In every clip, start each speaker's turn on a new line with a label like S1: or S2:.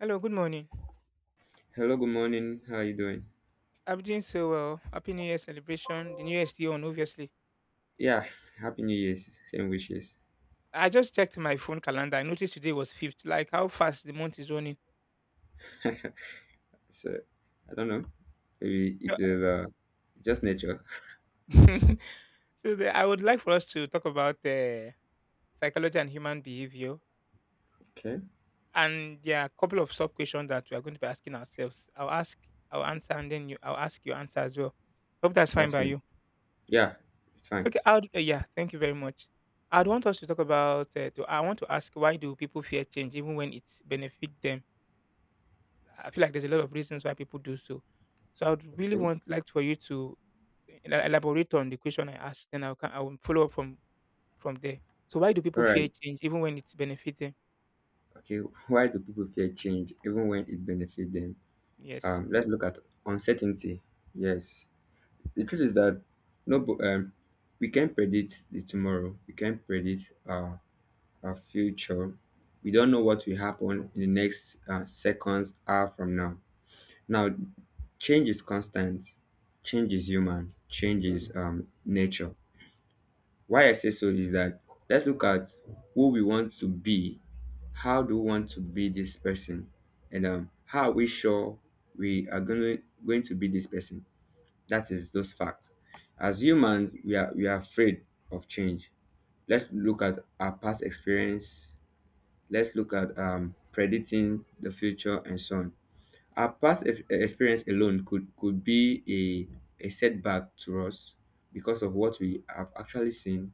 S1: Hello, good morning.
S2: Hello, good morning. How are you doing?
S1: I'm doing so well. Happy New Year celebration. The New Year is still on, obviously.
S2: Yeah, happy New Year's. Same wishes.
S1: I just checked my phone calendar. I noticed today was 5th. Like how fast the month is running.
S2: So, I don't know. Maybe
S1: So,
S2: it is just nature.
S1: I would like for us to talk about psychology and human behavior.
S2: Okay,
S1: And there are a couple of sub questions that we are going to be asking ourselves. I'll ask, I'll answer, and then you, I'll ask your answer as well. Hope that's fine
S2: that's
S1: by
S2: fine.
S1: you.
S2: Yeah, it's fine.
S1: Okay. I'd, yeah. Thank you very much. I'd want us to talk about. To, I want to ask, why do people fear change even when it benefits them? I feel like there's a lot of reasons why people do so. So I would really
S2: Okay.
S1: want like for you to elaborate on the question I asked, then I will follow up from there. So why do
S2: All
S1: people fear
S2: right.
S1: change even when it's benefiting?
S2: Okay. Why do people fear change even when it benefits them?
S1: Yes.
S2: Let's look at uncertainty. Yes, the truth is that no, we can't predict the tomorrow. We can't predict our future. We don't know what will happen in the next seconds, hour from now. Now, change is constant, change is human, change is nature. Why I say so is that let's look at who we want to be. How do we want to be this person? And how are we sure we are gonna going to be this person? That is those facts. As humans, we are afraid of change. Let's look at our past experience, let's look at predicting the future and so on. Our past experience alone could be a setback to us because of what we have actually seen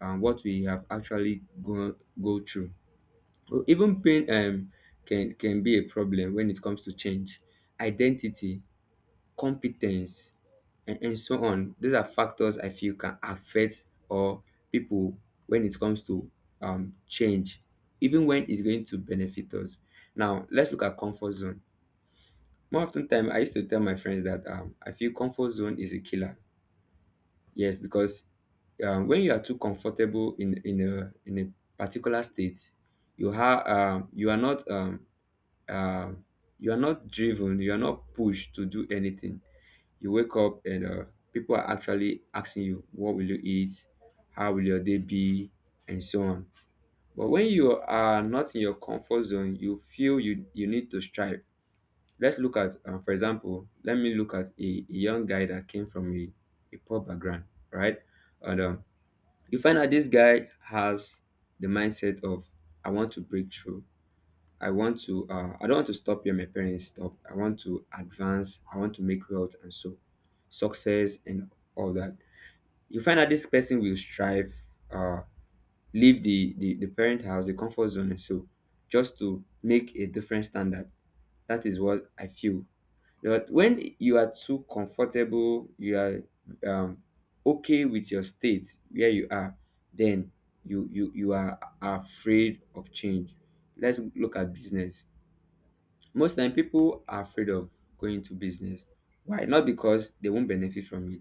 S2: and what we have actually go through. Well, even pain can be a problem when it comes to change, identity, competence, and so on. These are factors I feel can affect or people when it comes to change, even when it's going to benefit us. Now, let's look at comfort zone. More often time, I used to tell my friends that I feel comfort zone is a killer. Yes, because when you are too comfortable in a particular state, you have um, you are not um, um, you are not driven. You are not pushed to do anything. You wake up and people are actually asking you, "What will you eat? How will your day be?" and so on. But when you are not in your comfort zone, you feel you need to strive. Let's look at, for example, let me look at a young guy that came from a poor background, right? And you find out this guy has the mindset of, I want to break through. I don't want to stop where my parents stop. I want to advance. I want to make wealth and so success and all that. You find out this person will strive, uh, leave the parent house, the comfort zone and so just to make a different standard. That is what I feel but when you are too comfortable, you are um, okay with your state where you are, then you are afraid of change. Let's look at business. Most time people are afraid of going to business. Why? Not because they won't benefit from it,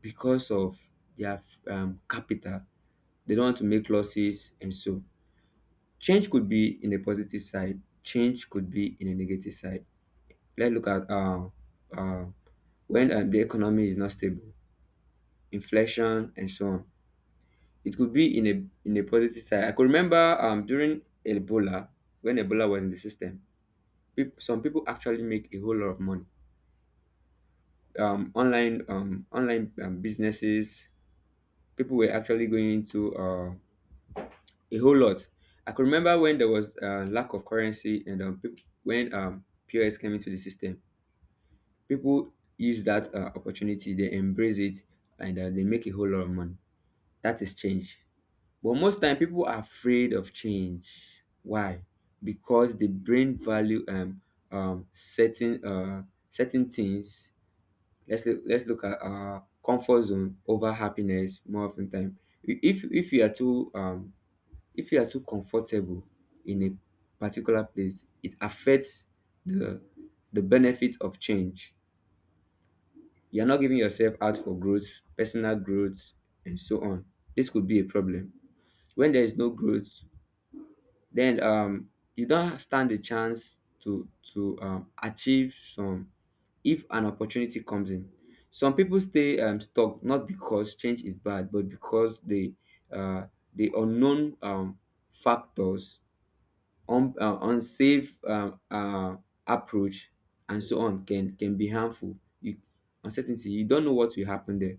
S2: because of their capital. They don't want to make losses, and so change could be in a positive side. Change could be in a negative side. Let's look at uh, when the economy is not stable, inflation and so on. It could be in a positive side. I could remember during Ebola, when Ebola was in the system, peop some people actually make a whole lot of money. Online businesses, people were actually going into a whole lot. I could remember when there was lack of currency and peop when POS came into the system, people use that opportunity, they embrace it, and they make a whole lot of money. That is change. But most time people are afraid of change. Why? Because the brain value um certain uh certain things. Let's look at comfort zone over happiness more often time. If you are too if you are too comfortable in a particular place, it affects the the benefit of change. You're not giving yourself out for growth, personal growth, and so on. This could be a problem. When there is no growth, then you don't stand a chance to achieve some. If an opportunity comes in, some people stay stuck not because change is bad but because uh, the unknown factors, unsafe approach and so on can be harmful you. Uncertainty, you don't know what will happen there.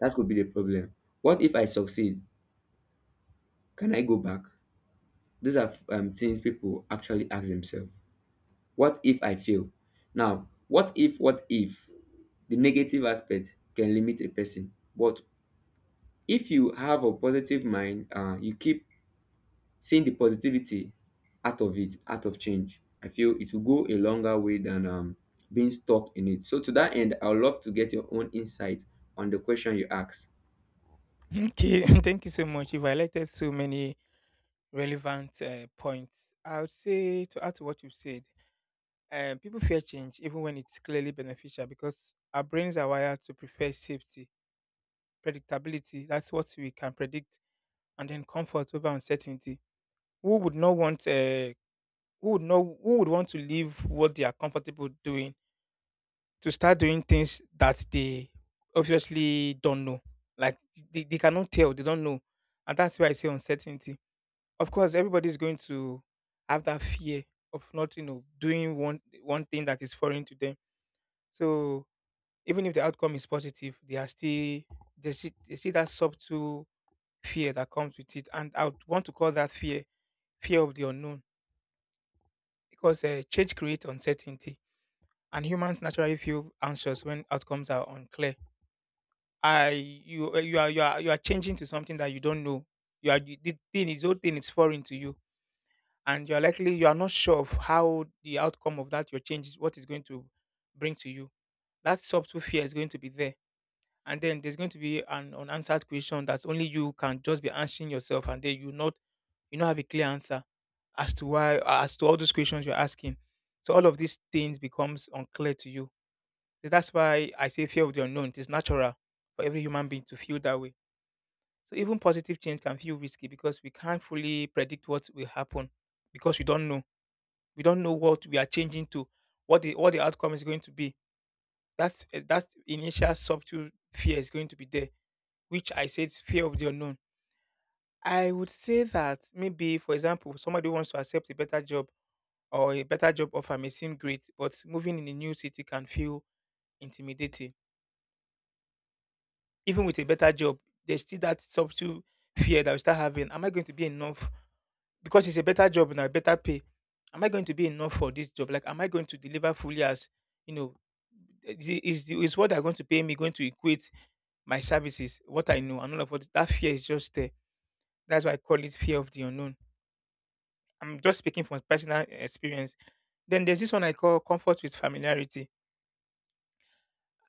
S2: That could be the problem. What if I succeed? Can I go back? These are things people actually ask themselves. What if I fail? Now what if the negative aspect can limit a person. But if you have a positive mind you keep seeing the positivity out of change. I feel it will go a longer way than being stuck in it. So to that end, I would love to get your own insight on the question you asked.
S1: Okay. Thank you so much. You've highlighted so many relevant points. I would say, to add to what you've said, people fear change even when it's clearly beneficial because our brains are wired to prefer safety, predictability. That's what we can predict, and then comfort over uncertainty. Who would not want uh, who would know who would want to leave what they are comfortable doing to start doing things that they obviously don't know, like they cannot tell, they don't know. And that's why I say uncertainty. Of course, everybody's going to have that fear of, not doing one thing that is foreign to them. So even if the outcome is positive, they are still, they see that subtle fear that comes with it. And I would want to call that fear of the unknown, because change creates uncertainty and humans naturally feel anxious when outcomes are unclear. I you you are you are You are changing to something that you don't know. You are the thing is whole thing is foreign to you, and you are not sure of how the outcome of that your change is what is going to bring to you. That subtle fear is going to be there, and then there's going to be an unanswered question that only you can just be answering yourself, and then you not have a clear answer as to all those questions you're asking. So all of these things becomes unclear to you. So that's why I say fear of the unknown. It is natural for every human being to feel that way. So even positive change can feel risky because we can't fully predict what will happen, because we don't know. We don't know what we are changing to, what the outcome is going to be. That initial subtle fear is going to be there, which I said is fear of the unknown. I would say that, maybe, for example, somebody wants to accept a better job, or a better job offer may seem great, but moving in a new city can feel intimidating. Even with a better job, there's still that subtle fear that we start having. Am I going to be enough? Because it's a better job and a better pay. Am I going to be enough for this job? Like, am I going to deliver fully, as you know? Is what they're going to pay me going to equate my services, what I know, and all of what, that fear is just there. That's why I call it fear of the unknown. I'm just speaking from personal experience. Then there's this one I call comfort with familiarity.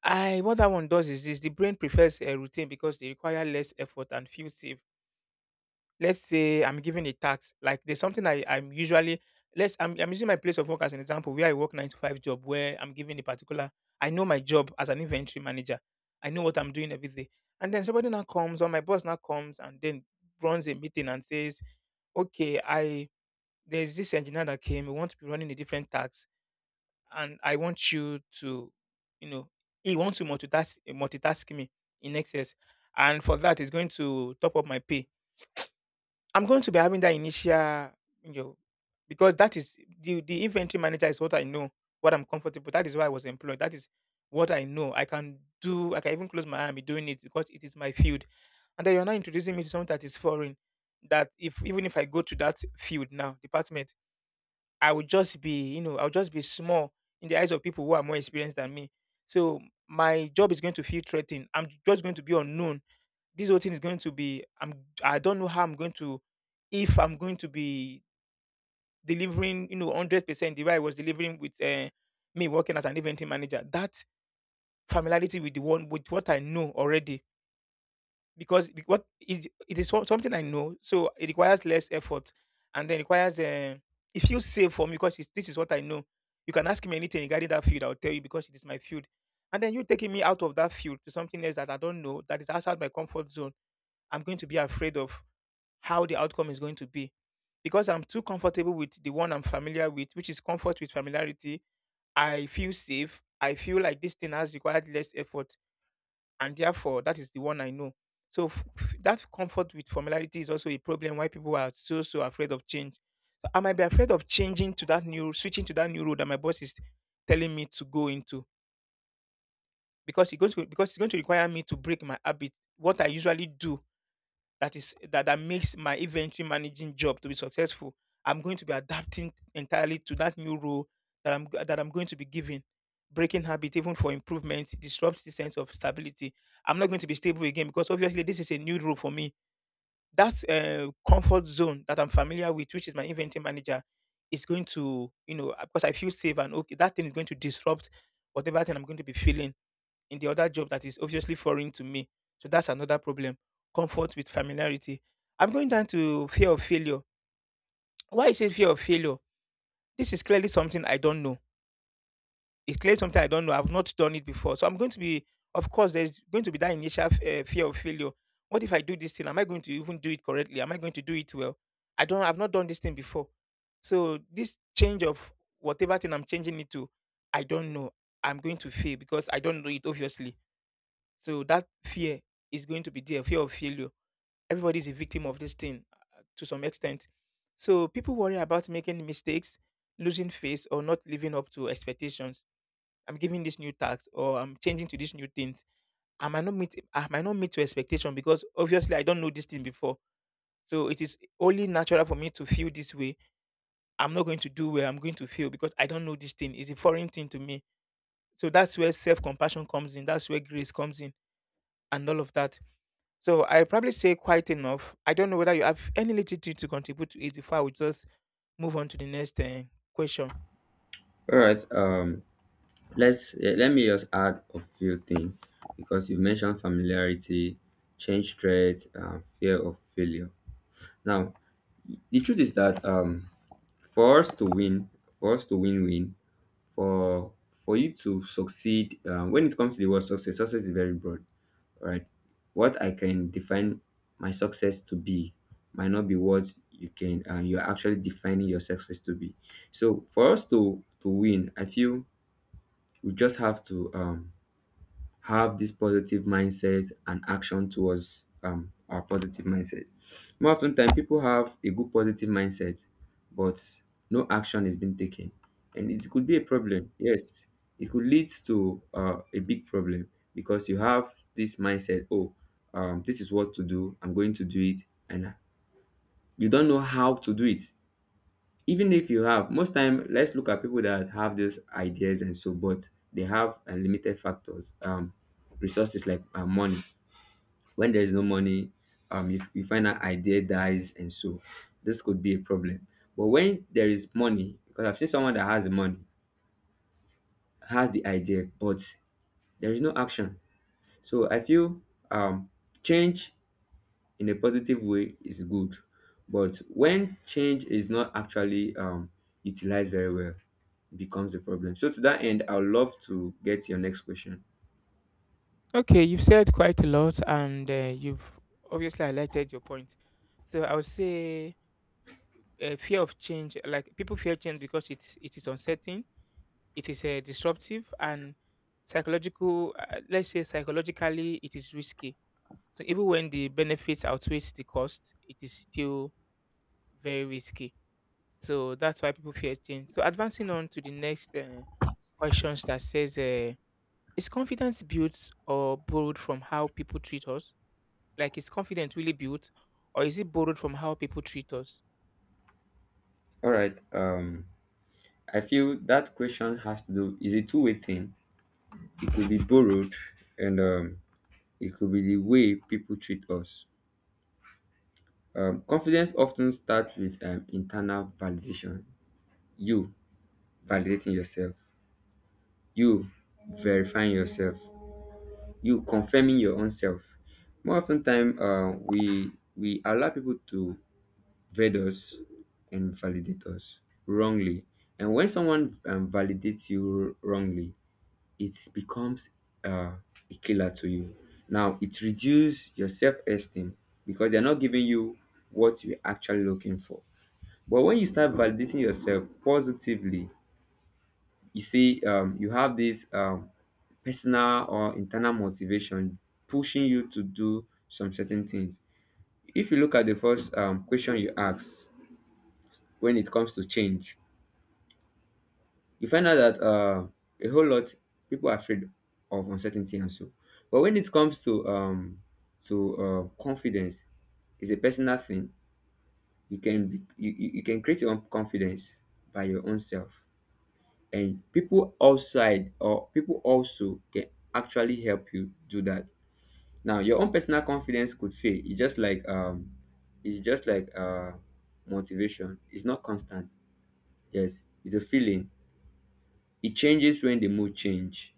S1: I What that one does is this: the brain prefers a routine because they require less effort and feel safe. Let's say I'm given a tax, like there's something I'm usually, let's I'm using my place of work as an example, where I work nine to five job, where I'm given a particular, I know my job as an inventory manager. I know what I'm doing every day. And then somebody now comes, or my boss now comes, and then runs a meeting and says, "Okay, I there's this engineer that came, we want to be running a different tax, and I want you to, you know, he wants to multitask me in excess. And for that, he's going to top up my pay." I'm going to be having that initial, you know, because that is the inventory manager is what I know, what I'm comfortable. That is why I was employed. That is what I know. I can do. I can even close my eye and be doing it, because it is my field. And then you're now introducing me to something that is foreign. That, if even if I go to that field now, department, I will just be, you know, I'll just be small in the eyes of people who are more experienced than me. So my job is going to feel threatened. I'm just going to be unknown. This whole thing is going to be I'm I don't know how I'm going to, if I'm going to be delivering, you know, 100% the way I was delivering with me working as an event team manager. That familiarity with the one with what I know already, because it is something I know, so it requires less effort, and then requires it feels safe for me because this is what I know. You can ask me anything regarding that field, I'll tell you because it is my field. And then you taking me out of that field to something else that I don't know, that is outside my comfort zone, I'm going to be afraid of how the outcome is going to be. Because I'm too comfortable with the one I'm familiar with, which is comfort with familiarity, I feel safe. I feel like this thing has required less effort, and therefore that is the one I know. So that comfort with familiarity is also a problem why people are so afraid of change. So I might be afraid of changing to that new, switching to that new road that my boss is telling me to go into, because it's going to because it's going to require me to break my habit, what I usually do, that is that makes my inventory managing job to be successful. I'm going to be adapting entirely to that new role that I'm going to be given. Breaking habit even for improvement disrupts the sense of stability. I'm not going to be stable again, because obviously this is a new role for me. That comfort zone that I'm familiar with, which is my inventory manager, is going to, you know, because I feel safe and okay, that thing is going to disrupt whatever thing I'm going to be feeling in the other job that is obviously foreign to me. So that's another problem. Comfort with familiarity. I'm going down to fear of failure. Why is it fear of failure? This is clearly something I don't know. It's clearly something I don't know. I've not done it before. So I'm going to be, of course, there's going to be that initial fear of failure. What if I do this thing? Am I going to even do it correctly? Am I going to do it well? I've not done this thing before. So this change of whatever thing I'm changing it to, I don't know. I'm going to fail because I don't know it, obviously. So that fear is going to be there, fear of failure. Everybody is a victim of this thing to some extent. So people worry about making mistakes, losing face, or not living up to expectations. I'm giving this new tax, or I'm changing to this new thing. I might not meet to expectation, because obviously I don't know this thing before. So it is only natural for me to feel this way. I'm not going to do well. I'm going to feel, because I don't know this thing. It's a foreign thing to me. So that's where self compassion comes in. That's where grace comes in, and all of that. So I probably say quite enough. I don't know whether you have any little thing to contribute to it before I will just move on to the next question.
S2: All right. Let me just add a few things because you mentioned familiarity, change threat, fear of failure now. The truth is that for us to win, for us to win win, for you to succeed, when it comes to the word success, success is very broad, right? What I can define my success to be might not be what you're actually defining your success to be. So for us to win, I feel we just have to have this positive mindset and action towards our positive mindset. More often than people have a good positive mindset, but no action is being taken. And it could be a problem. Yes, it could lead to a big problem because you have this mindset, oh, this is what to do, I'm going to do it. And you don't know how to do it. Even if you have, most time, let's look at people that have those ideas and so, but they have limited factors, resources like money. When there is no money, you find an idea dies, and so this could be a problem. But when there is money, because I've seen someone that has the money, has the idea, but there is no action. So I feel um, change in a positive way is good but when change is not actually utilized very well it becomes a problem. So to that end, I would love to get your next question.
S1: Okay, you've said quite a lot, and you've obviously highlighted your point. So I would say fear of change, like people fear change because it is uncertain. It is disruptive and psychological. Let's say psychologically, it is risky. So even when the benefits outweighs the cost, it is still very risky. So that's why people fear change. So advancing on to the next questions that says, is confidence built or borrowed from how people treat us? Like, is confidence really built, or is it borrowed from how people treat us?
S2: All right. I feel that question has to do is a two-way thing. It could be borrowed, and it could be the way people treat us. Confidence often starts with internal validation. You validating yourself. You verifying yourself. You confirming your own self. More often time, we allow people to vet us and validate us wrongly. And when someone validates you wrongly, it becomes uh, a killer to you. Now it reduces your self-esteem because they're not giving you what you're actually looking for. But when you start validating yourself positively, you see you have this personal or internal motivation pushing you to do some certain things. If you look at the first question you ask, when it comes to change you find out that a whole lot people are afraid of uncertainty and so, but when it comes to to confidence, it's a personal thing. You can create your own confidence by your own self, and people outside or people also can actually help you do that. Now your own personal confidence could fail. It's just like motivation, it's not constant. Yes, it's a feeling, it changes when the mood change.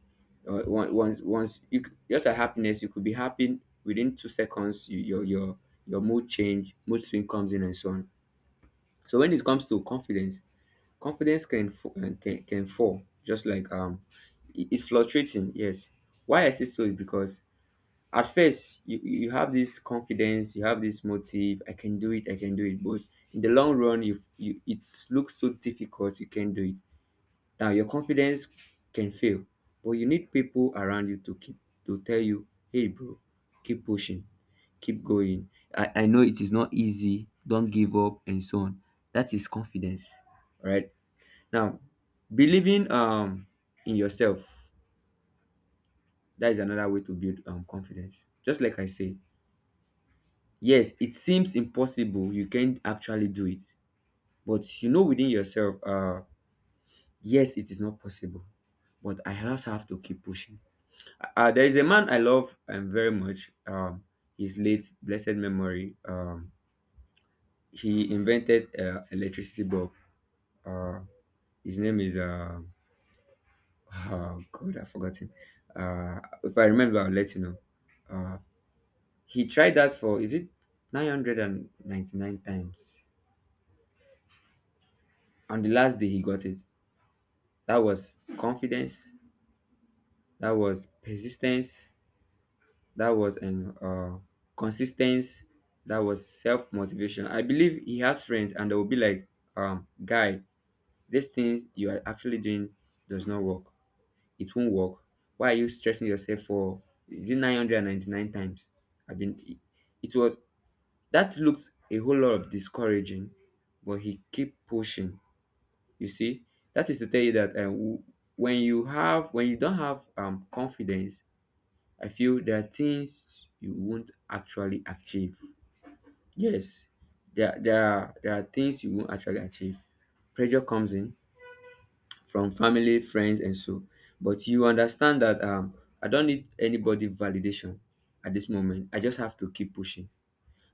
S2: Just like happiness, you could be happy within 2 seconds. Your mood change, mood swing comes in and so on. So when it comes to confidence, confidence can can fall, just like it's fluctuating. Yes, why I say so is because at first you have this confidence, you have this motive. I can do it. I can do it. But in the long run, you it looks so difficult. You can't do it. Now your confidence can fail, but you need people around you to tell you, hey bro, keep pushing, keep going. I know it is not easy. Don't give up and so on. That is confidence. All right now, believing in yourself, that is another way to build confidence. Just like I say, yes, it seems impossible, you can't actually do it, but you know within yourself, yes, it is not possible, but I just have to keep pushing. There is a man I love very much. His late blessed memory. He invented electricity bulb. Uh, his name is oh God, I've forgotten. If I remember, I'll let you know. Uh, he tried that for is it 999 times. On the last day, he got it. That was confidence. That was persistence. That was an consistency. That was self motivation. I believe he has friends, and they will be like, "Guy, this thing you are actually doing does not work. It won't work. Why are you stressing yourself for is it 999 times? I mean it was that looks a whole lot of discouraging, but he keep pushing. You see, that is to tell you that when you have when you don't have confidence, I feel there are things you won't actually achieve. Yes, there are things you won't actually achieve. Pressure comes in from family friends and so but you understand that I don't need anybody validation at this moment. I just have to keep pushing.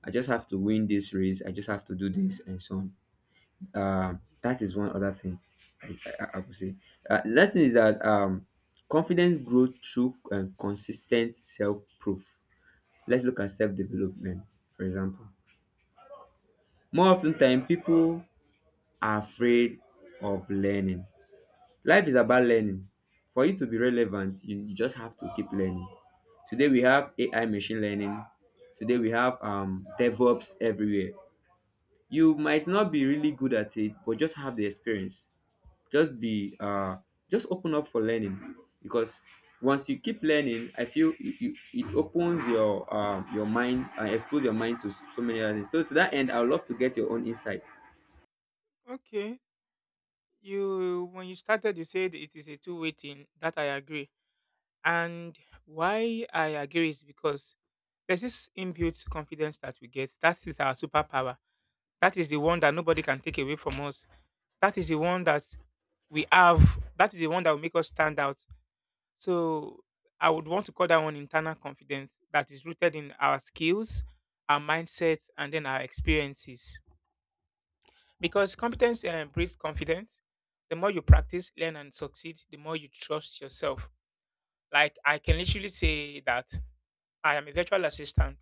S2: I just have to win this race. I just have to do this and so on. That is one other thing I would say next thing is that confidence grows through consistent self-proof. Let's look at self-development, for example. More often time people are afraid of learning. Life is about learning. For you to be relevant, you just have to keep learning. Today we have AI machine learning. Today we have DevOps everywhere. You might not be really good at it, but just have the experience. Just just open up for learning, because once you keep learning, I feel it opens your mind and expose your mind to so many other things. So to that end, I would love to get your own insight.
S1: Okay, you when you started, you said it is a two-way thing. That I agree. And why I agree is because there's this inbuilt confidence that we get. That is our superpower. That is the one that nobody can take away from us. That is the one that we have. That is the one that will make us stand out. So I would want to call that one internal confidence that is rooted in our skills, our mindset, and then our experiences. Because competence breeds confidence. The more you practice, learn, and succeed, the more you trust yourself. Like I can literally say that I am a virtual assistant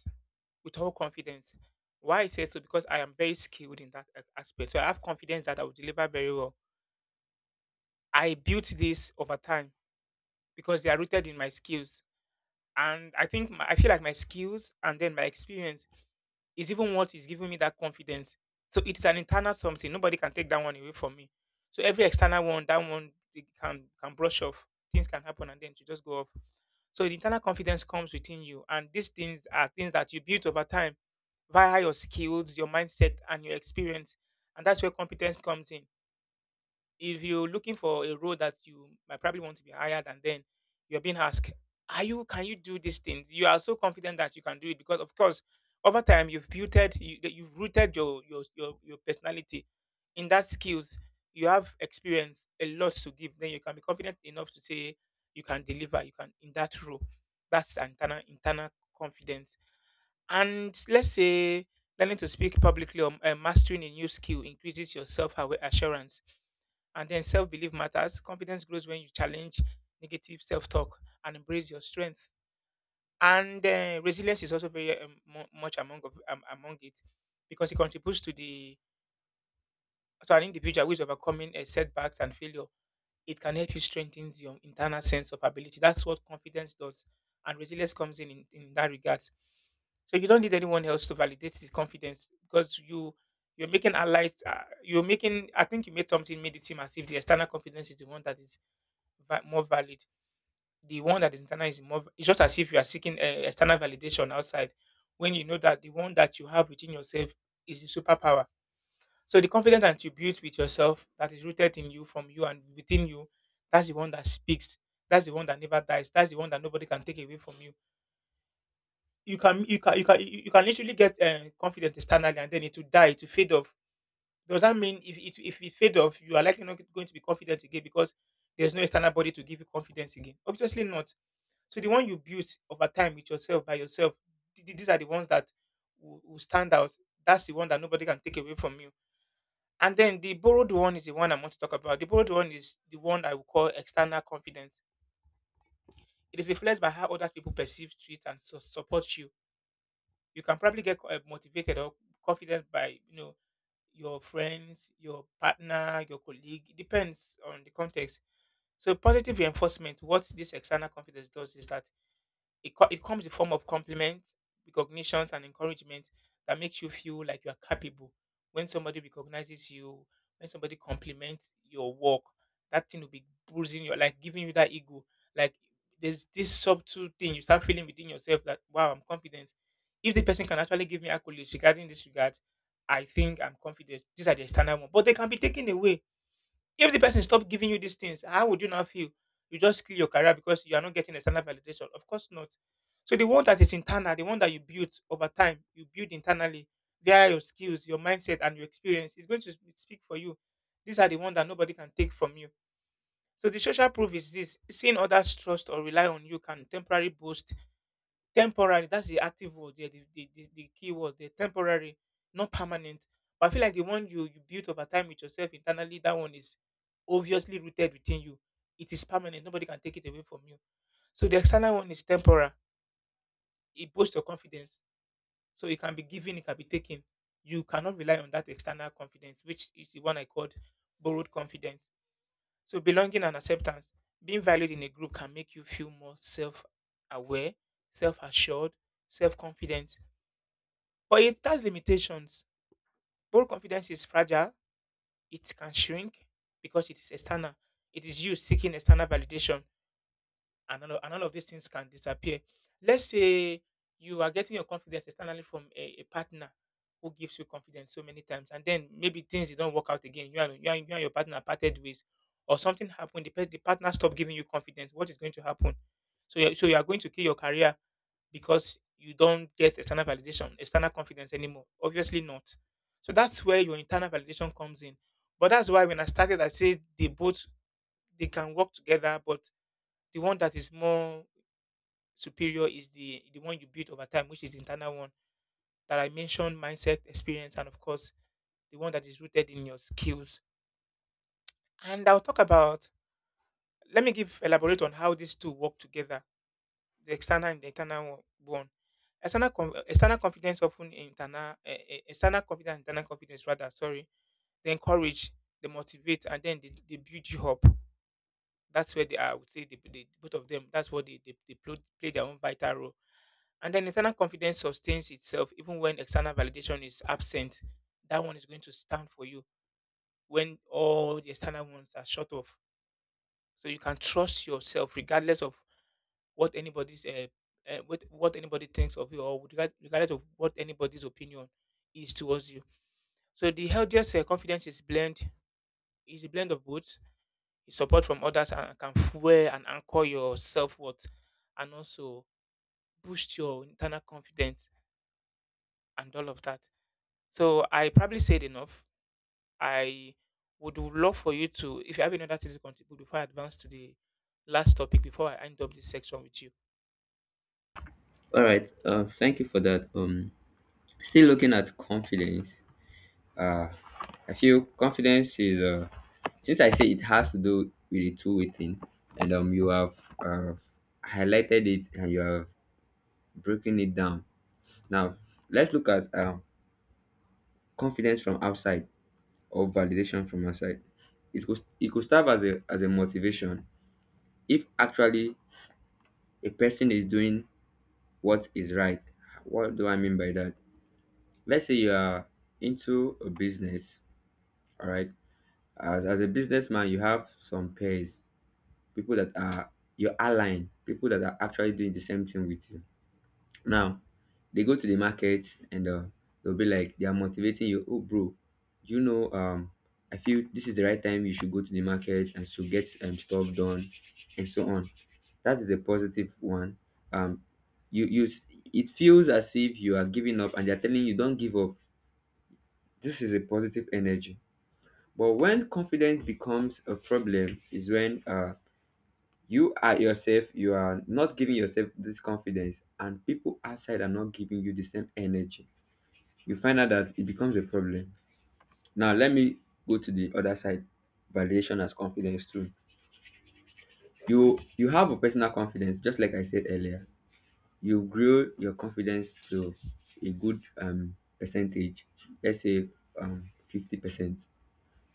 S1: with all confidence. Why I say so? Because I am very skilled in that aspect. So I have confidence that I will deliver very well. I built this over time because they are rooted in my skills. And I think my, I feel like my skills and then my experience is even what is giving me that confidence. So it's an internal something. Nobody can take that one away from me. So every external one, that one they can brush off. Things can happen and then you just go off. So the internal confidence comes within you, and these things are things that you build over time via your skills, your mindset, and your experience. And that's where competence comes in if you're looking for a role that you might probably want to be hired and then you're being asked are you can you do these things. You are so confident that you can do it because of course over time you've built you, that you've rooted your, your your personality in that skills. You have experience a lot to give, then you can be confident enough to say you can deliver you can in that role. That's an internal confidence. And let's say learning to speak publicly or mastering a new skill increases your self-assurance, and then self belief matters. Confidence grows when you challenge negative self talk and embrace your strength. And resilience is also very much among of, among it because it contributes to the to an individual who is overcoming setbacks and failure. It can help you strengthen your internal sense of ability. That's what confidence does, and resilience comes in that regard. So you don't need anyone else to validate this confidence because you you're making allies. You're making. I think you made something made it seem as if the external confidence is the one that is more valid. The one that is internal is more. It's just as if you are seeking external validation outside, when you know that the one that you have within yourself is the superpower. So the confidence that you build with yourself, that is rooted in you, from you, and within you, that's the one that speaks. That's the one that never dies. That's the one that nobody can take away from you. You can, you can, you can, you can literally get confidence externally, and then it will die, it will fade off. Does that mean if it fade off, you are likely not going to be confident again because there's no external body to give you confidence again? Obviously not. So the one you built over time with yourself by yourself, these are the ones that will stand out. That's the one that nobody can take away from you. And then the borrowed one is the one I want to talk about. The borrowed one is the one I will call external confidence. It is influenced by how other people perceive, treat, and support you. You can probably get motivated or confident by you know your friends, your partner, your colleague. It depends on the context. So positive reinforcement. What this external confidence does is that it, it comes in form of compliments, recognitions, and encouragement that makes you feel like you are capable. When somebody recognizes you, when somebody compliments your work, that thing will be bruising your like giving you that ego. Like there's this subtle thing you start feeling within yourself that wow, I'm confident. If the person can actually give me accolades regarding this regard, I think I'm confident. These are the standard one, but they can be taken away. If the person stop giving you these things, how would you now feel? You just kill your career because you are not getting external validation. Of course not. So the one that is internal, the one that you build over time, you build internally via your skills, your mindset, and your experience is going to speak for you. These are the ones that nobody can take from you. So the social proof is this: seeing others trust or rely on you can temporarily boost. Temporary, that's the active word, yeah, the key word, the temporary, not permanent. But I feel like the one you, you built over time with yourself internally, that one is obviously rooted within you. It is permanent. Nobody can take it away from you. So the external one is temporary. It boosts your confidence, so it can be given, it can be taken. You cannot rely on that external confidence, which is the one I called borrowed confidence. So belonging and acceptance, being valued in a group can make you feel more self-aware, self-assured, self-confident. But it has limitations. Bold confidence is fragile, it can shrink because it is external. It is you seeking external validation, and all of these things can disappear. Let's say you are getting your confidence externally from a partner who gives you confidence so many times, and then maybe things did not work out again. You and, you and, you and your partner parted ways, or something happened, the, the partner stopped giving you confidence. What is going to happen? So, you're, so you are going to kill your career because you don't get external validation, external confidence anymore. Obviously not. So that's where your internal validation comes in. But that's why when I started, I said they both they can work together, but the one that is more superior is the one you build over time, which is the internal one that I mentioned, mindset, experience, and of course the one that is rooted in your skills. And I'll talk about let me give elaborate on how these two work together, the external and the internal one. One. External, external confidence often internal, external confidence, internal confidence rather. Sorry, they encourage, they motivate, and then they build you up. That's where they are. I would say they, both of them. That's what they play their own vital role. And then internal confidence sustains itself even when external validation is absent. That one is going to stand for you when all the external ones are short of. So you can trust yourself regardless of what anybody's what anybody thinks of you, or with regard, regardless of what anybody's opinion is towards you. So the healthiest confidence is blend, is a blend of both, is support from others and can fuel and anchor your self worth, and also boost your internal confidence and all of that. So I probably said enough. I would love for you to if you have any other things to contribute before I advance to the last topic before I end up this section with you.
S2: All right. Thank you for that. Still looking at confidence. Uh, I feel confidence is since I say it has to do with the two-way thing, and you have uh, highlighted it and you have broken it down. Now, let's look at confidence from outside or validation from outside. It could serve as a motivation if actually a person is doing what is right. What do I mean by that? Let's say you are into a business, all right. As a businessman, you have some peers, people that are your align, people that are actually doing the same thing with you. Now, they go to the market and they'll be like, they are motivating you. Oh, bro, you know, I feel this is the right time you should go to the market and so get stuff done and so on. That is a positive one. Um, you, you, s- it feels as if you are giving up and they're telling you, don't give up. This is a positive energy. But when confidence becomes a problem, is when you are yourself, you are not giving yourself this confidence and people outside are not giving you the same energy. You find out that it becomes a problem. Now let me go to the other side. Validation as confidence too. You have a personal confidence, just like I said earlier. You grow your confidence to a good percentage, let's say 50%.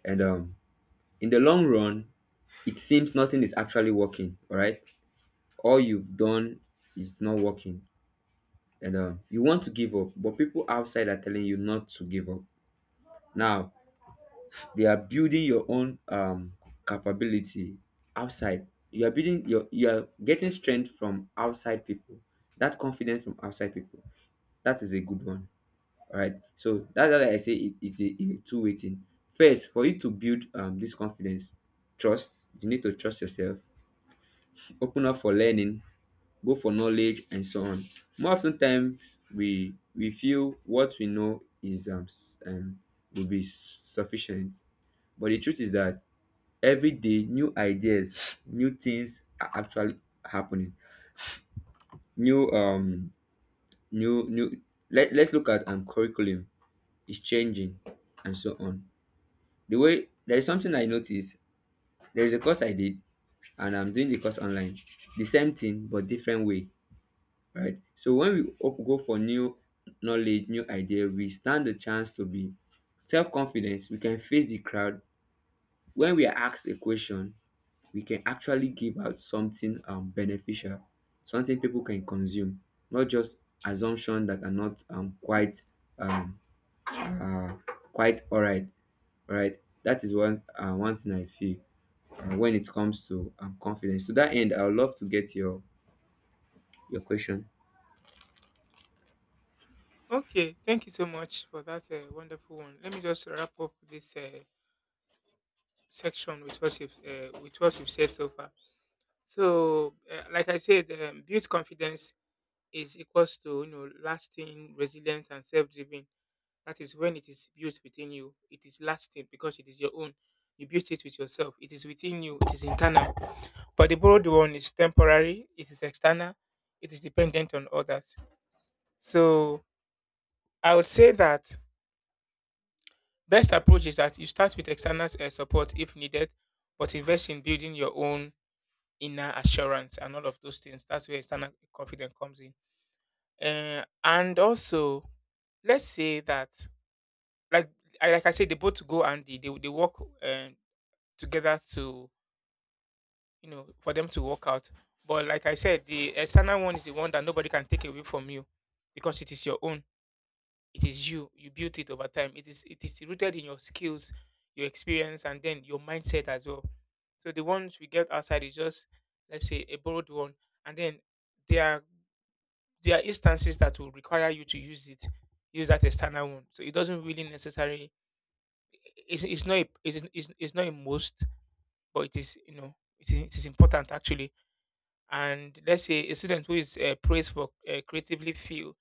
S2: And in the long run it seems nothing is actually working. All right, all you've done is not working, and you want to give up, but people outside are telling you not to give up. Now they are building your own capability outside. You are building you are getting strength from outside people. That confidence from outside people. That is a good one. All right. So that's why I say it's a two-way thing. First, for you to build this confidence, trust. You need to trust yourself. Open up for learning, go for knowledge and so on. More often times we feel what we know is will be sufficient, but the truth is that every day new ideas, new things are actually happening. new um new new let's look at curriculum is changing and so on. The way there is something I noticed, there is a course I did and I'm doing the course online, the same thing but different way, right? So when go for new knowledge, new idea, we stand the chance to be self-confidence. We can face the crowd. When we are asked a question, we can actually give out something beneficial, something people can consume, not just assumption that are not um, quite all right. All right, that is one thing I feel when it comes to confidence. To that end, I would love to get your question.
S1: Okay, thank you so much for that wonderful one. Let me just wrap up this section with what you've said so far. So, like I said, build confidence is equals to you know lasting, resilient, and self-driven. That is when it is built within you. It is lasting because it is your own. You built it with yourself. It is within you. It is internal. But the borrowed one is temporary. It is external. It is dependent on others. So I would say that best approach is that you start with external support if needed, but invest in building your own inner assurance and all of those things. That's where external confidence comes in. And also, let's say that, like like I said, they both go and they work uh, together to you know for them to work out. But like I said, the external one is the one that nobody can take away from you because it is your own. It is you. You built it over time. It is rooted in your skills, your experience, and then your mindset as well. So the ones we get outside is just let's say a borrowed one, and then there are there are instances that will require you to use it, use that external one. So it doesn't really necessarily it's not a must, but it is you know it is important actually. And let's say a student who is praised for creatively feel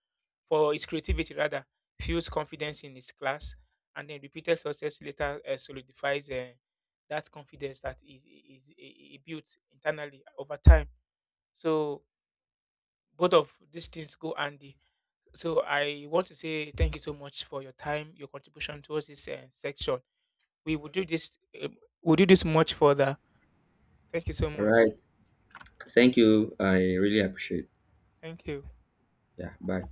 S1: for his creativity rather feels confidence in his class, and then repeated success later solidifies that confidence that is built internally over time. So both of these things go handy. So I want to say thank you so much for your time, your contribution towards this section. We will do this. We'll do this much further. Thank you so
S2: All
S1: much.
S2: right, thank you. I really appreciate.
S1: Thank you.
S2: Yeah, bye.